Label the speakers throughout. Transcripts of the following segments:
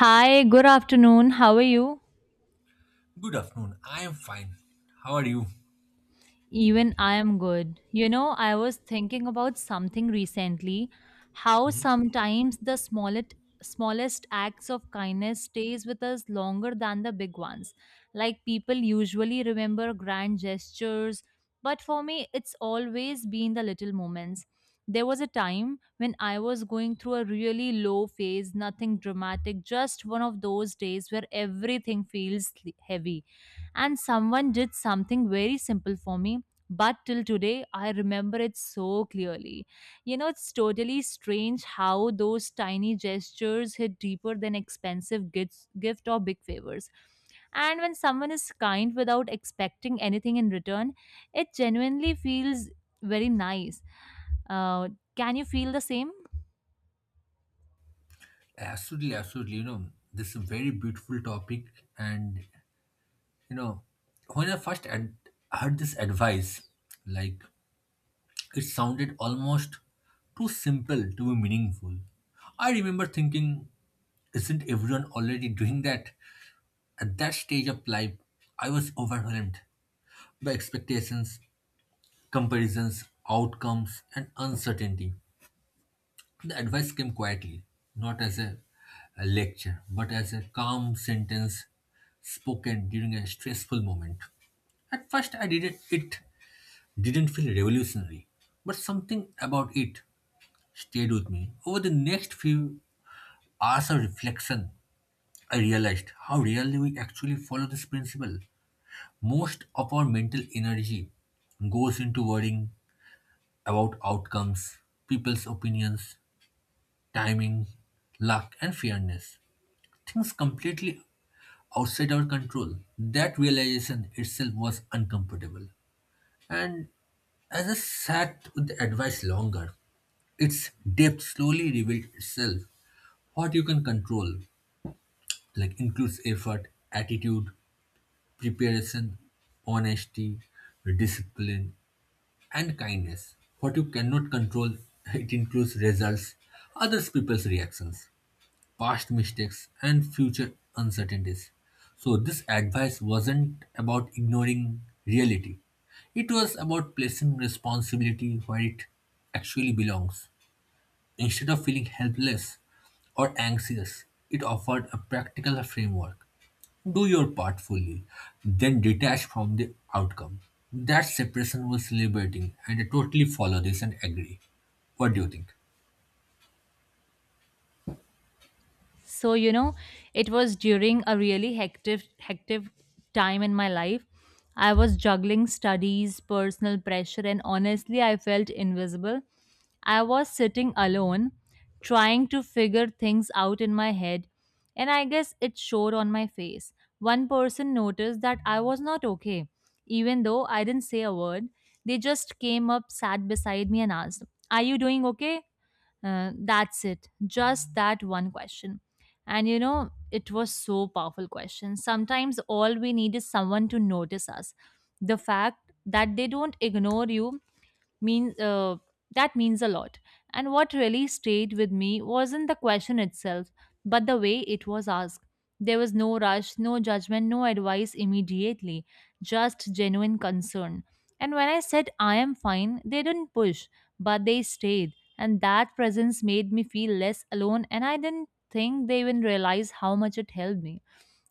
Speaker 1: Hi, good afternoon. How are you?
Speaker 2: Good afternoon. I am fine. How are you?
Speaker 1: Even I am good. You know, I was thinking about something recently, how
Speaker 2: Mhm.
Speaker 1: sometimes the smallest acts of kindness stays with us longer than the big ones. Like people usually remember grand gestures, but for me it's always been the little moments. There was a time when I was going through a really low phase, nothing dramatic, just one of those days where everything feels heavy, and someone did something very simple for me, but till today I remember it so clearly. You know, it's totally strange how those tiny gestures hit deeper than expensive gifts gift or big favors. And when someone is kind without expecting anything in return, it genuinely feels very nice. uh, can you feel the same?
Speaker 2: Absolutely, absolutely. You know, this is a very beautiful topic. And, you know, when I first heard this advice, like, it sounded almost too simple to be meaningful. I remember thinking, isn't everyone already doing that? At that stage of life, I was overwhelmed by expectations, comparisons, outcomes, and uncertainty. The advice came quietly, not as a lecture, but as a calm sentence spoken during a stressful moment. At first, I didn't. It didn't feel revolutionary, but something about it stayed with me. Over the next few hours of reflection, I realized how rarely we actually follow this principle. Most of our mental energy goes into worrying about outcomes, people's opinions, timing, luck, and fairness. Things completely outside our control. That realization itself was uncomfortable. And as I sat with the advice longer, its depth slowly revealed itself. What you can control, like, includes effort, attitude, preparation, honesty, discipline, and kindness. What you cannot control, it includes results, others people's reactions. Past mistakes and future uncertainties. So, this advice wasn't about ignoring reality, it was about placing responsibility where it actually belongs. Instead of feeling helpless or anxious, it offered a practical framework. Do your part fully, then detach from the outcome. That separation was liberating, and I totally follow this and agree. What do you think?
Speaker 1: So you know, it was during a really hectic time in my life. I was juggling studies, personal pressure, and honestly I felt invisible. I was sitting alone, trying to figure things out in my head, and I guess it showed on my face. One person noticed that I was not okay, even though I didn't say a word. They just came up, sat beside me, and asked, are you doing okay? That's it. Just that one question. And you know, it was so powerful question. Sometimes all we need is someone to notice us. The fact that they don't ignore you means that means a lot. And what really stayed with me wasn't the question itself, but the way it was asked. There was no rush, no judgment, no advice immediately, just genuine concern. And when I said I am fine, they didn't push, but they stayed. And that presence made me feel less alone, and I didn't think they even realized how much it helped me.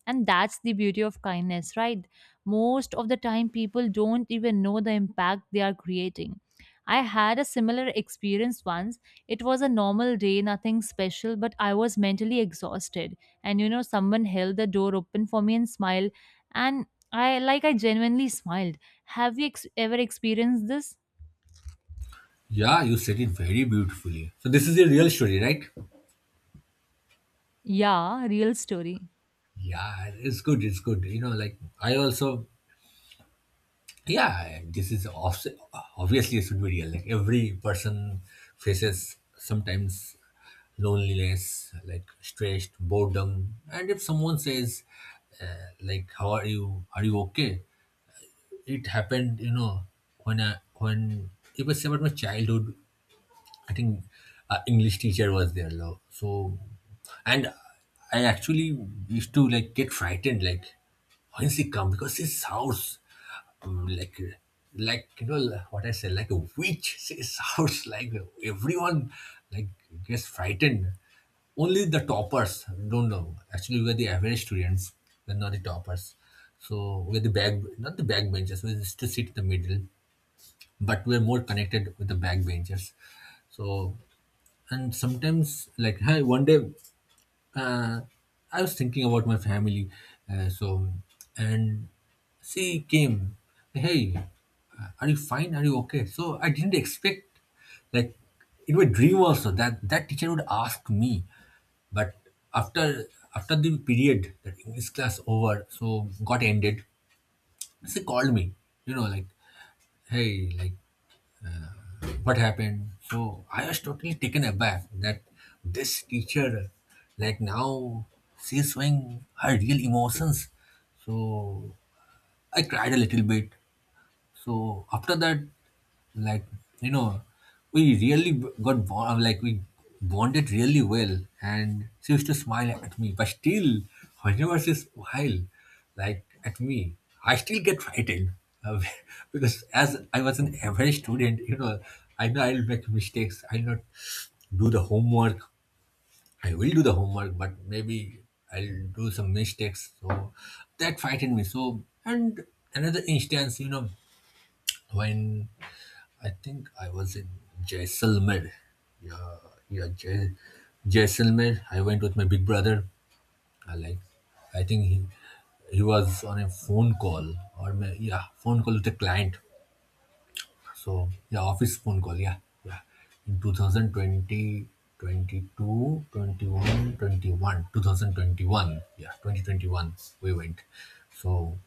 Speaker 1: And that's the beauty of kindness, right? Most of the time people don't even know the impact they are creating. I had a similar experience once. It was a normal day, nothing special, but I was mentally exhausted. And you know, someone held the door open for me and smiled, and I like I genuinely smiled. Ever experienced this?
Speaker 2: Yeah, you said it very beautifully. So, this is a real story, right?
Speaker 1: Yeah, real story.
Speaker 2: Yeah, it's good. It's good. You know, like, I also, yeah, this is obviously it should be real. Like, every person faces sometimes loneliness, like, stressed, boredom, and if someone says, like, "How are you? Are you okay?" It happened. You know, when if I say about my childhood, I think English teacher was there, lo. So, and I actually used to like get frightened, like when she come because she sounds um, like like you know, like what I say, like a witch. She sounds like everyone like gets frightened. Only the toppers don't know. Actually, we are the average students. We're not the toppers. So, we're the back, not the backbenchers. We used to sit in the middle, but we're more connected with the backbenchers. So, and sometimes, like, hey, one day, uh, I was thinking about my family. So, and she came, hey, are you fine, are you okay? So I didn't expect, like, in my dream also, that that teacher would ask me. But after after the period, that english class over, so got ended, she called me. You know, like, hey, like, what happened? So, I was totally taken aback that this teacher, like now, she's showing her real emotions. So I cried a little bit. So after that, like, you know, we really got bond, like, we bonded really well, and she used to smile at me. But still, whenever she smile, like at me, I still get frightened uh, because as I was an average student, you know, I know I'll make mistakes. I'll not do the homework. I will do the homework, but maybe I'll do some mistakes. So that frightened me. So, and another instance, you know, when I think I was in Jaisalmer. Yeah, yeah, Jaisalmer. I went with my big brother. I, like, I think he was on a phone call or yeah, phone call with a client. So yeah, office phone call. Yeah, yeah. In 2020, 22, 21, 21, 2021. Yeah, 2021. We went. So,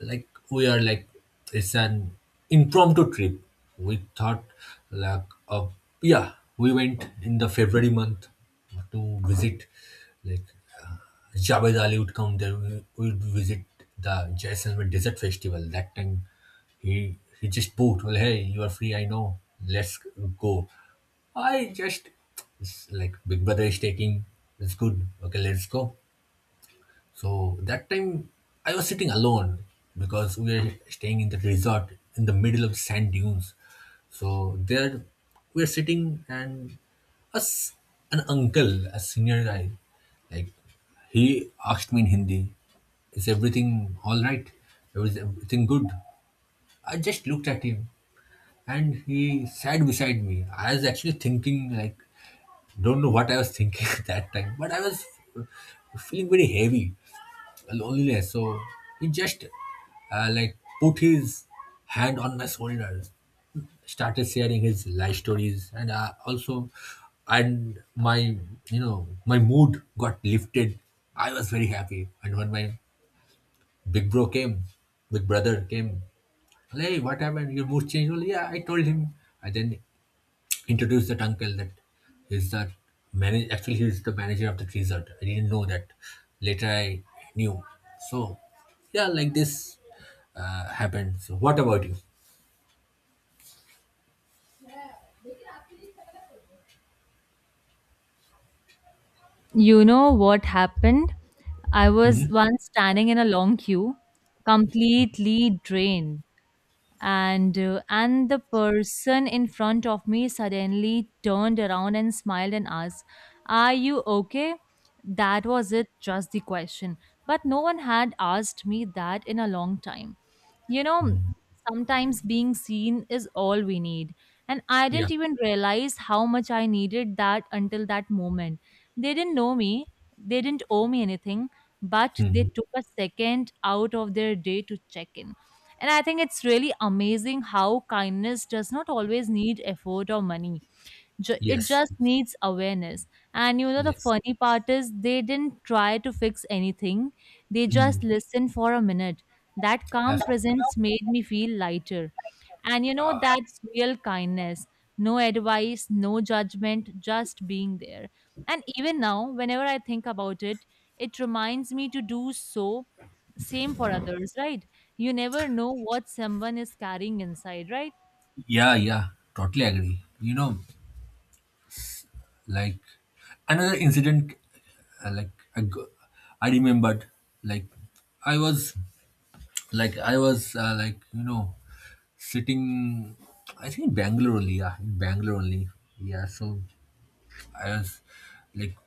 Speaker 2: like, we are like, it's an impromptu trip, we thought, like, of, yeah, we went in the February month to visit, like, Jabed Ali would come there, we would visit the Jaisalmer Desert Festival that time. He just booked, well, hey, you are free, I know, let's go. I just It's like, big brother is taking, it's good, okay, let's go. So that time I was sitting alone because we were staying in the resort in the middle of sand dunes. So there we were sitting, and us an uncle, a senior guy, like, he asked me in Hindi, is everything all right? Is everything good? I just looked at him and he sat beside me. I was actually thinking, like, don't know what I was thinking at that time, but I was feeling very heavy loneliness. So he just like, put his hand on my shoulder, started sharing his life stories, and my, you know, my mood got lifted. I was very happy, and when my big bro came, big brother came, hey, what happened? Your mood changed? Well, yeah, I told him, and then introduced that uncle, that he's the manager of the resort. I didn't know that. Later I knew. So yeah, like, this happened. So, what about you?
Speaker 1: You know what happened, I was once standing in a long queue, completely drained. And the person in front of me suddenly turned around and smiled and asked, are you okay? That was it, just the question. But no one had asked me that in a long time. You know, sometimes being seen is all we need. And I
Speaker 2: Yeah.
Speaker 1: didn't even realize how much I needed that until that moment. They didn't know me, they didn't owe me anything, but they
Speaker 2: Mhm.
Speaker 1: took a second out of their day to check in. And I think it's really amazing how kindness does not always need effort or money. It
Speaker 2: Yes,
Speaker 1: just needs awareness. And you know, the
Speaker 2: yes.
Speaker 1: funny part is they didn't try to fix anything, they just
Speaker 2: Mm.
Speaker 1: listened for a minute. That calm
Speaker 2: Absolutely.
Speaker 1: presence made me feel lighter. And you know, that's real kindness. No advice, no judgment, just being there. And even now, whenever I think about it, it reminds me to do so same for others, right? You never know what someone is carrying inside, right?
Speaker 2: Yeah, yeah, totally agree. You know, like, another incident, like, I remembered, like, i was like i was, like, you know, sitting, I think, in Bangalore only. Yeah, in Bangalore only. Yeah. So, I was like,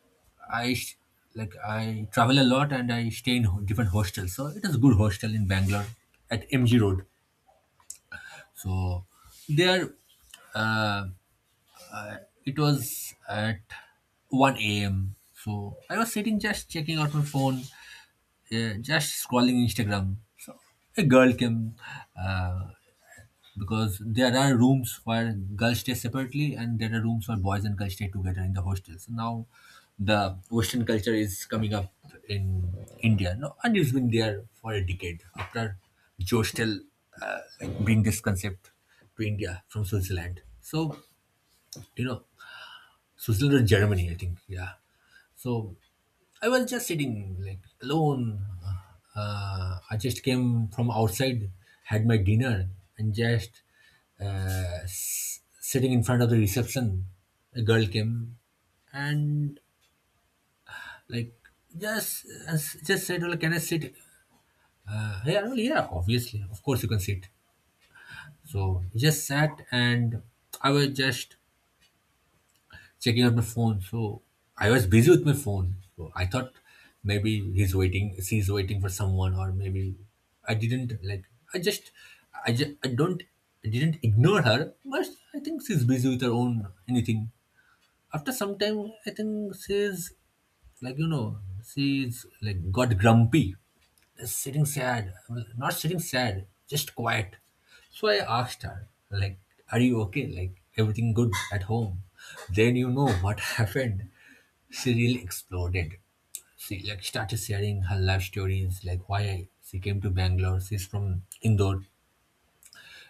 Speaker 2: i sh- like, I travel a lot and I stay in different hostels. So it is a good hostel in Bangalore at MG Road. So there, uh, it was at 1 a.m, so I was sitting just checking out my phone, just scrolling Instagram. So a girl came, uh, because there are rooms where girls stay separately and there are rooms where boys and girls stay together in the hostels. Now, the Western culture is coming up in India, no, and it's been there for a decade. After Jostel like, bring this concept to India from Switzerland. So, you know, Switzerland or Germany, I think, yeah. So I was just sitting, like, alone. I just came from outside, had my dinner, and just, sitting in front of the reception, a girl came and, like, just just said, "Well, can I sit?" Yeah, well, yeah, obviously, of course, you can sit. So, just sat, and I was just checking on my phone. So I was busy with my phone. So I thought, maybe he's waiting, she's waiting for someone, or maybe I didn't, like. I just, I just, I don't, I didn't ignore her, but I think she's busy with her own anything. After some time, I think like you know, she's like got grumpy sitting sad, not sitting sad, just quiet. So I asked her, like, are you okay? Like, everything good at home? Then you know what happened. She really exploded. She, like, started sharing her life stories, like why she came to Bangalore. She's from Indore.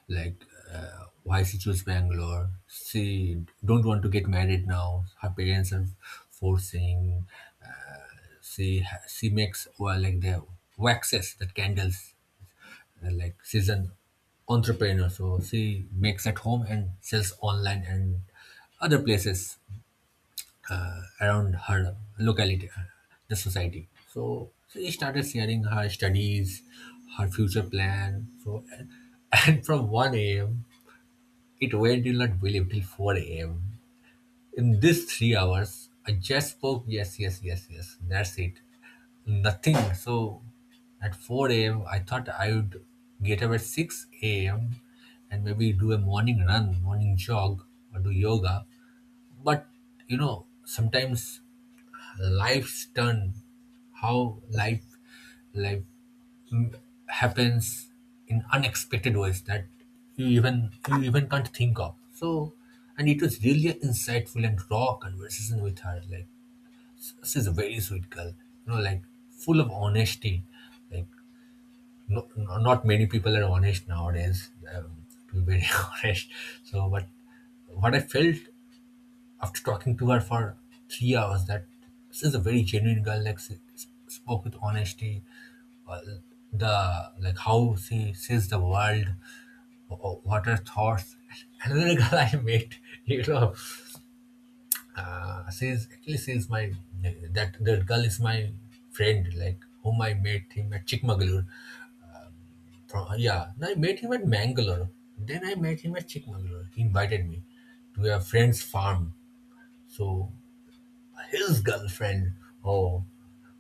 Speaker 2: Like, why she chose Bangalore. She don't want to get married now. Her parents are forcing. She makes, well, like, the waxes, the candles, like, she's an entrepreneur, so she makes at home and sells online and other places around her locality, the society. So she started sharing her studies, her future plan. So and from 1 a.m it went, you'll not believe, till 4 a.m. In these 3 hours, I just spoke, yes, yes, yes, yes, that's it. Nothing. So at 4 a.m., I thought I would get up at 6 a.m. and maybe do a morning run, morning jog, or do yoga. But you know, sometimes life's turn, how life mm, happens in unexpected ways that you even can't think of. So, and it was really an insightful and raw conversation with her. Like, this is a very sweet girl, you know, like, full of honesty. Like, no, not many people are honest nowadays, to be very honest. So, but what I felt after talking to her for 3 hours, that this is a very genuine girl. Like, she spoke with honesty. The, like, how she sees the world, wh- what her thoughts. Another girl I met, you know, she's actually she's my that that girl is my friend, like, whom I met him at Chikmagalur. Yeah, and I met him at Mangalore. Then I met him at Chikmagalur. He invited me to a friend's farm. So, his girlfriend, oh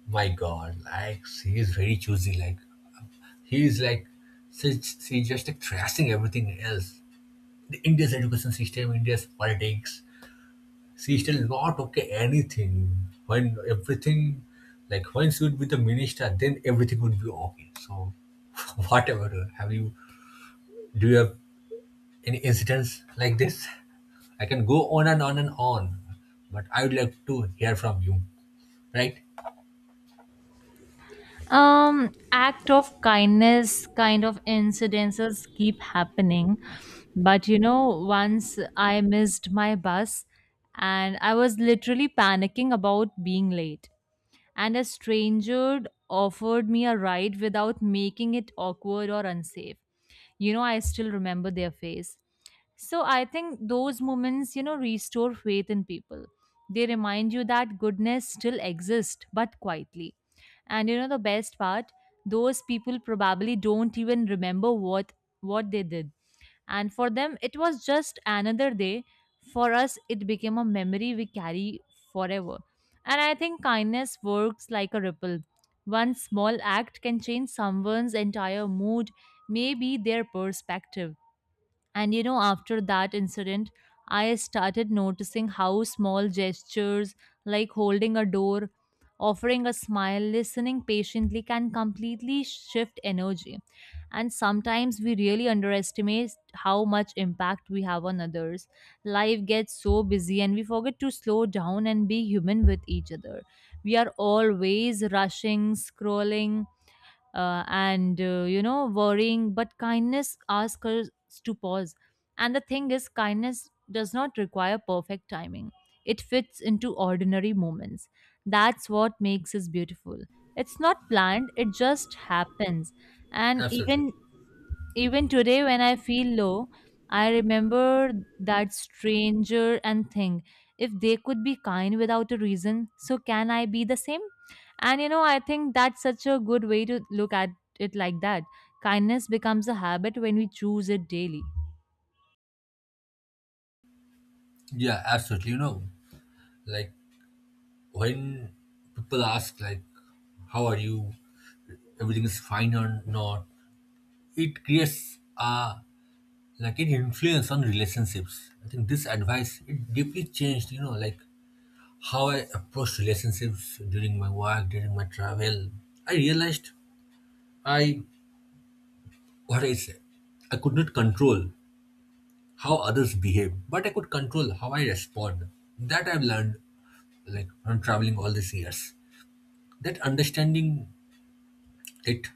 Speaker 2: my god, like, she is very choosy. Like, he is like she's just like thrashing everything else. The India's education system, India's politics. She's still not okay anything. When everything, like, when she would be the minister, then everything would be okay. So, whatever. Have you? Do you have any incidents like this? I can go on and on and on, but I would like to hear from you, right?
Speaker 1: Act of kindness kind of incidences keep happening, but you know, once I missed my bus and I was literally panicking about being late, and a stranger offered me a ride without making it awkward or unsafe. You know, I still remember their face. So I think those moments, you know, restore faith in people. They remind you that goodness still exists, but quietly. And you know the best part, those people probably don't even remember what they did, and for them, it was just another day. For us, it became a memory we carry forever. And I think kindness works like a ripple. One small act can change someone's entire mood, maybe their perspective. And you know, after that incident, I started noticing how small gestures like holding a door, offering a smile, listening patiently can completely shift energy. And sometimes we really underestimate how much impact we have on others. Life gets so busy and we forget to slow down and be human with each other. We are always rushing, scrolling, and you know worrying, but kindness asks us to pause. And the thing is kindness does not require perfect timing, it fits into ordinary moments. That's what makes us beautiful. It's not planned, it just happens. and
Speaker 2: Absolutely.
Speaker 1: even even today when I feel low, I remember that stranger and think, if they could be kind without a reason, so can I be the same. And you know, I think that's such a good way to look at it like that. Kindness becomes a habit when we choose it daily.
Speaker 2: Yeah, absolutely. You know, like, when people ask, like, how are you? Everything is fine or not? It creates a, like, an influence on relationships. I think this advice it deeply changed. You know, like how I approach relationships during my work, during my travel. I realized I what I say, I could not control how others behave, but I could control how I respond. That I've learned like from traveling all these years. That understanding it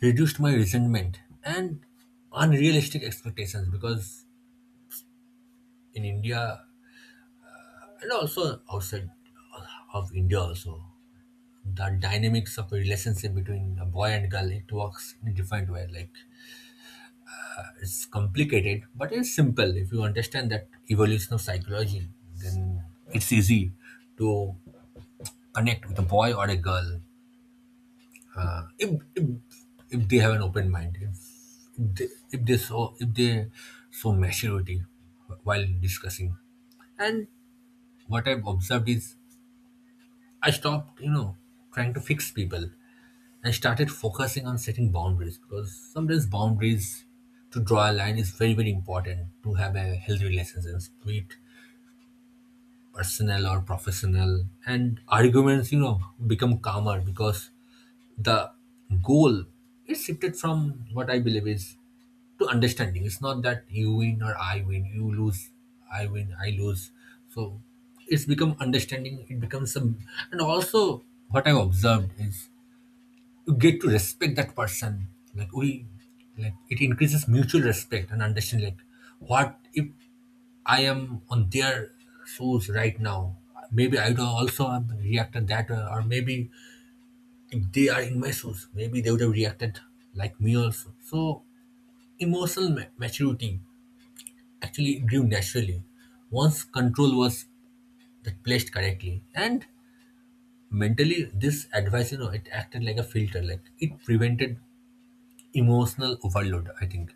Speaker 2: reduced my resentment and unrealistic expectations because in India and also outside of India also, the dynamics of a relationship between a boy and girl, it works in a different way. Like it's complicated but it's simple if you understand that evolution of psychology, then it's easy to connect with a boy or a girl if if, if they have an open mind, if they if they show maturity while discussing. And what I've observed is I stopped, you know, trying to fix people and started focusing on setting boundaries, because sometimes boundaries, to draw a line, is very very important to have a healthy relationship, be it personal or professional. And arguments, you know, become calmer because the goal is shifted from what I believe is to understanding. It's not that you win or I win, you lose, I win, I lose. So it's become understanding, it becomes a. And also what I've observed is you get to respect that person. Like we like it increases mutual respect and understanding. Like, what if I am on their shoes right now? Maybe I would also have reacted that way, or maybe if they are in my shoes, maybe they would have reacted like me also. So emotional maturity actually grew naturally once control was that placed correctly. And mentally, this advice, you know, it acted like a filter, like it prevented emotional overload, I think.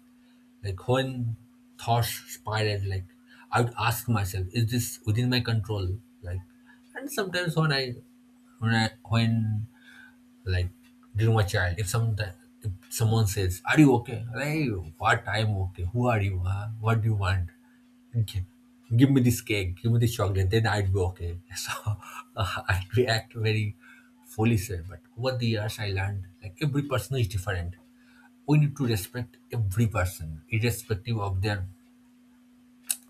Speaker 2: Like when thoughts spiraled, like I would ask myself, is this within my control? Like, and sometimes when Like dear my child, if some if someone says, "Are you okay?" Hey, what I'm okay. Who are you? Huh? What do you want? Gi- Give me this cake. Give me this chocolate. Then I'd be okay. So I react very foolish way. But over the years I learned, like, every person is different. We need to respect every person, irrespective of their,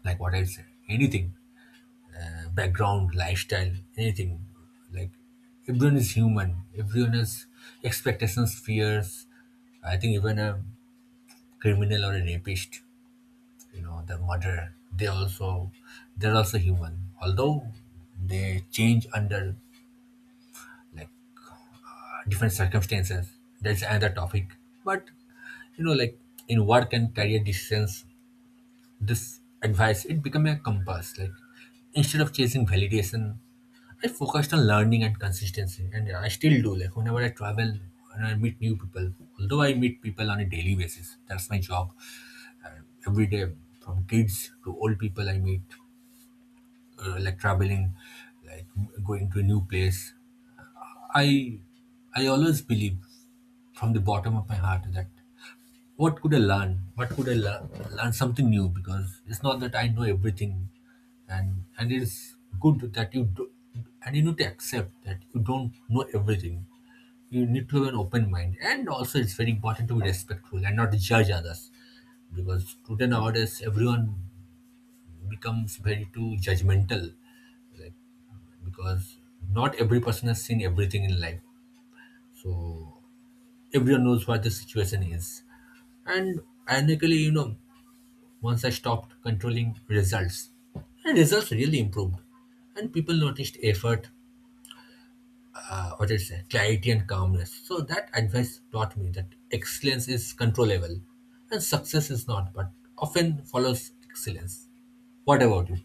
Speaker 2: like what I say, anything, background, lifestyle, anything. Like everyone is human. Everyone has expectations, fears. I think even a criminal or a rapist, you know, the murderer, they also, they're also human. Although they change under like different circumstances. That's another topic. But you know, like, in work and career decisions, this advice it became a compass. Like, instead of chasing validation, I focused on learning and consistency, and I still do. Like, whenever I travel and I meet new people, although I meet people on a daily basis, that's my job, every day, from kids to old people I meet, like traveling, like going to a new place, i I always believe from the bottom of my heart that, what could I learn? What could I learn? Learn something new, because it's not that I know everything. And it's good that you do, and you need to accept that you don't know everything. You need to have an open mind, and also it's very important to be respectful and not judge others, because today, nowadays, everyone becomes very too judgmental, like, because not every person has seen everything in life, so everyone knows what the situation is. And ironically, you know, once I stopped controlling results. And results really improved. And people noticed effort, what is it, clarity and calmness. So that advice taught me that excellence is controllable and success is not, but often follows excellence. What about you?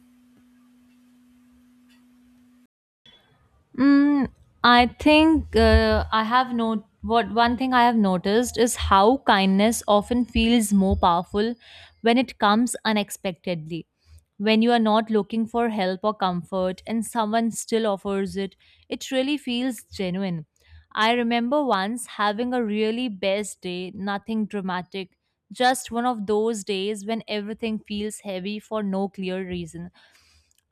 Speaker 1: Mm, I think I have no what one thing I have noticed is how kindness often feels more powerful when it comes unexpectedly. When you are not looking for help or comfort and someone still offers it, it really feels genuine. I remember once having a really best day, nothing dramatic, just one of those days when everything feels heavy for no clear reason.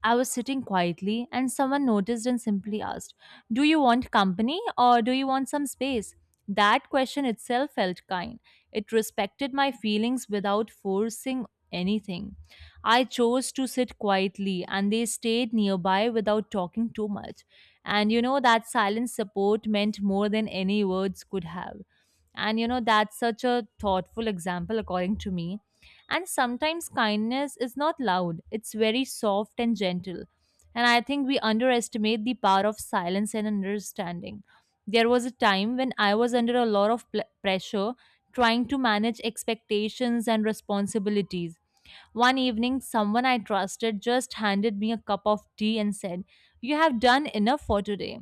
Speaker 1: I was sitting quietly, and someone noticed and simply asked, do you want company or do you want some space? That question itself felt kind. It respected my feelings without forcing anything. I chose to sit quietly, and they stayed nearby without talking too much. And you know, that silent support meant more than any words could have. And you know, that's such a thoughtful example, according to me. And sometimes kindness is not loud, it's very soft and gentle. And I think we underestimate the power of silence and understanding. There was a time when I was under a lot of pressure, trying to manage expectations and responsibilities. One evening, someone I trusted just handed me a cup of tea and said, you have done enough for today.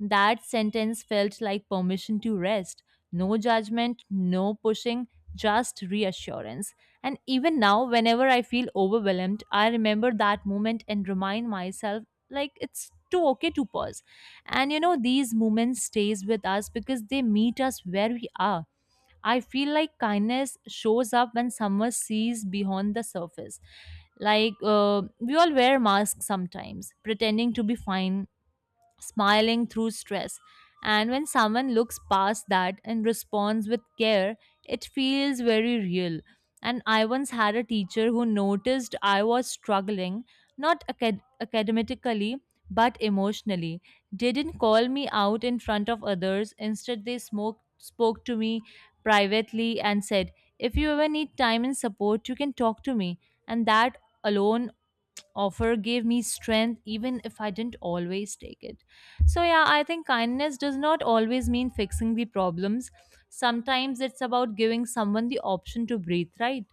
Speaker 1: That sentence felt like permission to rest. No judgment, no pushing, just reassurance. And even now, whenever I feel overwhelmed, I remember that moment and remind myself like it's too okay to pause. And you know, these moments stays with us because they meet us where we are. I feel like kindness shows up when someone sees beyond the surface. Like we all wear masks sometimes, pretending to be fine, smiling through stress. And when someone looks past that and responds with care, it feels very real. And I once had a teacher who noticed I was struggling, not academically, but emotionally, didn't call me out in front of others. Instead, they smoke, spoke to me privately and said, if you ever need time and support, you can talk to me. And that alone offer gave me strength, even if I didn't always take it. So yeah, I think kindness does not always mean fixing the problems, sometimes it's about giving someone the option to breathe, right?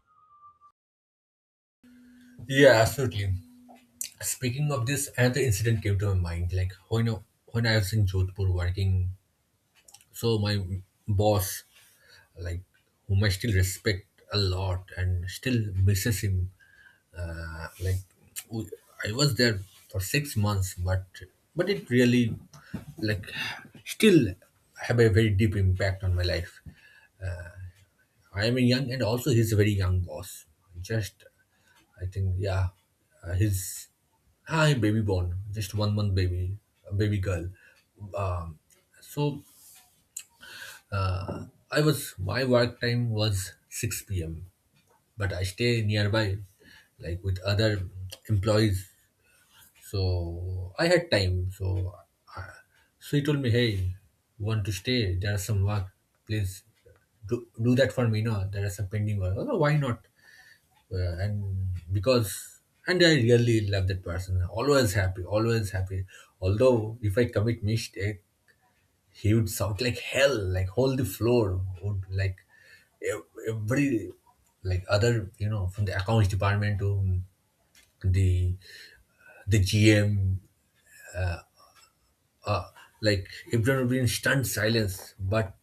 Speaker 2: Yeah, absolutely. Speaking of this, another incident came to my mind. Like, when I was in Jodhpur working, so my boss, like, whom I still respect a lot and still misses him. Like we, I was there for 6 months, but it really like still have a very deep impact on my life. I am a young and also he's a very young boss, just, I think, yeah, he's hi baby born, just 1 month baby, a baby girl. Um, so uh, I was, my work time was 6 p.m. but I stay nearby, like with other employees. So I had time. So I, so he told me, "Hey, want to stay? There are some work. Please do that for me. No, there are some pending work. Oh, why not? And because." And I really love that person. Always happy, always happy. Although if I commit mistake, he would shout like hell, like hold the floor, would like every, like, other, you know, from the accounts department to the the GM, like if there would be in stunned silence. but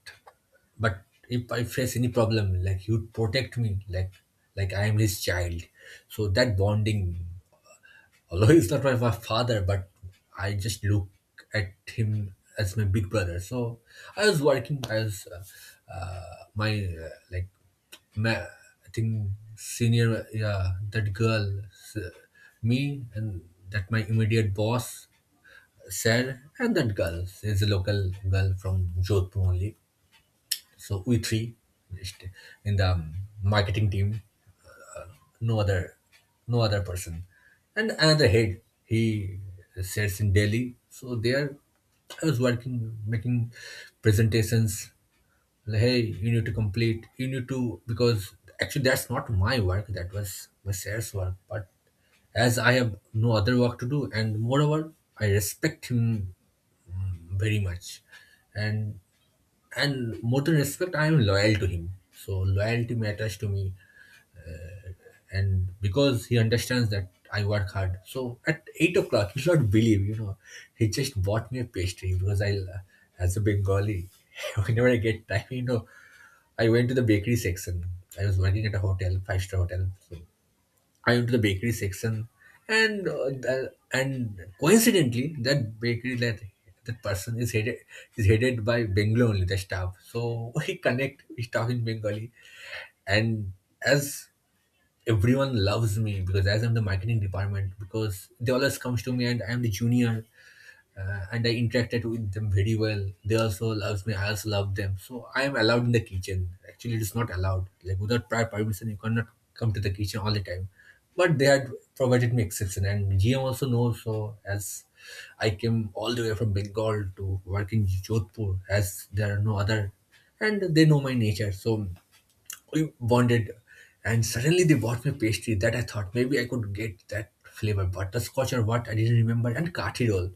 Speaker 2: but if I face any problem, like, he would protect me like I am his child. So that bonding, although he's not my father, but I just look at him as my big brother. So I was working, I was my like ma- I think senior, yeah, that girl me and that my immediate boss sir, and that girl is a local girl from Jodhpur only. So we three, just in the marketing team, no other, no other person, and another head. He sits in Delhi. So there, I was working, making presentations. Like, hey, you need to complete. You need to, because actually that's not my work. That was my sales work, but as I have no other work to do, and moreover, I respect him very much. and and more than respect, I am loyal to him, so loyalty matters to me. And because he understands that I work hard, so at 8 o'clock, you not believe, you know, he just bought me a pastry, because I, as a Bengali, whenever I get time, you know, I went to the bakery section. I was working at a hotel, five-star hotel. So I went to the bakery section, and and coincidentally, that bakery, that that person is headed, is headed by Bengali only, the staff. So we connect, we talk in Bengali, and as everyone loves me, because as I'm the marketing department, because they always comes to me, and I'm the junior, and I interacted with them very well. They also loves me. I also love them. So I am allowed in the kitchen. Actually, it is not allowed. Like, without prior permission, you cannot come to the kitchen all the time. But they had provided me exception, and GM also knows. So as I came all the way from Bengal to work in Jodhpur, as there are no other, and they know my nature. So we bonded, and suddenly they bought me pastry, that I thought maybe I could get that flavor butterscotch or what, I didn't remember, and kathi roll.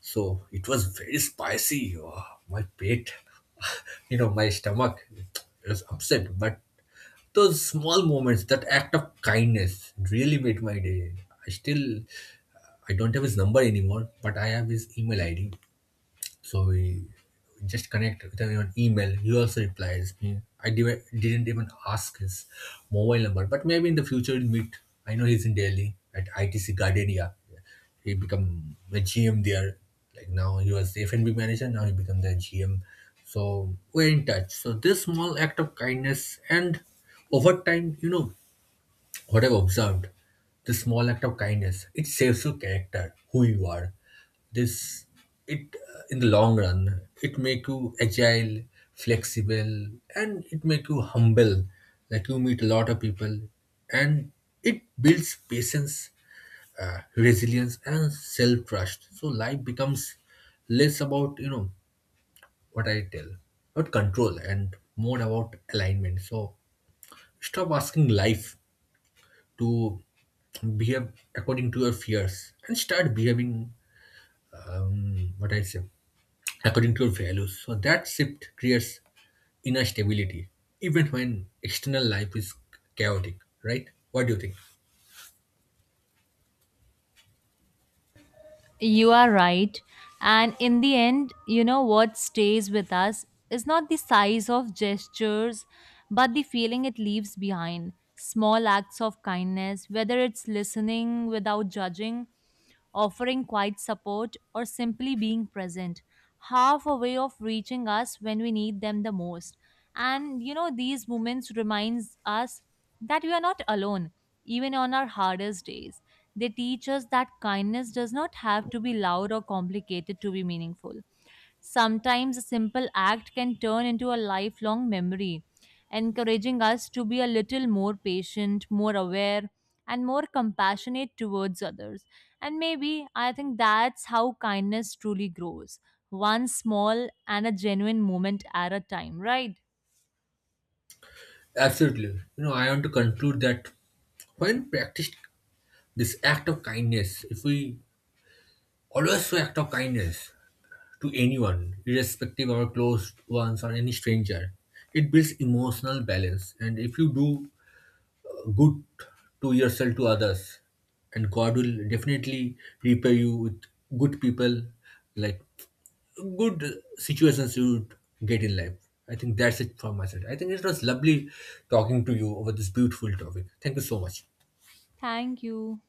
Speaker 2: So it was very spicy. Oh, my pate, you know, my stomach, it was upset. But those small moments, that act of kindness, really made my day. I still, I don't have his number anymore, but I have his email ID. So we just connect with him on email. He also replies me. I didn't even ask his mobile number, but maybe in the future we'll meet. I know he's in Delhi at ITC Gardenia. He become a GM there. Like, now he was the F&B manager. Now he become the GM. So we're in touch. So this small act of kindness, and over time, you know, what I've observed, this small act of kindness, it saves your character, who you are. This, it in the long run, it make you agile, flexible, and it make you humble. Like, you meet a lot of people, and it builds patience, resilience, and self trust. So life becomes less about, you know, what I tell, about control, and more about alignment. So stop asking life to behave according to your fears and start behaving, what I say, according to your values. So that shift creates inner stability even when external life is chaotic, right? What do you think?
Speaker 1: You are right. And in the end, you know what stays with us is not the size of gestures, but the feeling it leaves behind. Small acts of kindness, whether it's listening without judging, offering quiet support, or simply being present, half a way of reaching us when we need them the most. And you know, these moments reminds us that we are not alone even on our hardest days. They teach us that kindness does not have to be loud or complicated to be meaningful. Sometimes a simple act can turn into a lifelong memory, encouraging us to be a little more patient, more aware, and more compassionate towards others. And maybe I think that's how kindness truly grows, one small and a genuine moment at a time, right?
Speaker 2: Absolutely. You know, I want to conclude that when practiced, this act of kindness, if we always show act of kindness to anyone, irrespective of our close ones or any stranger, it builds emotional balance. And if you do good to yourself, to others, and god will definitely repay you with good people, like, good situations you would get in life. I think that's it from my side. I think it was lovely talking to you over this beautiful topic. Thank you so much.
Speaker 1: Thank you.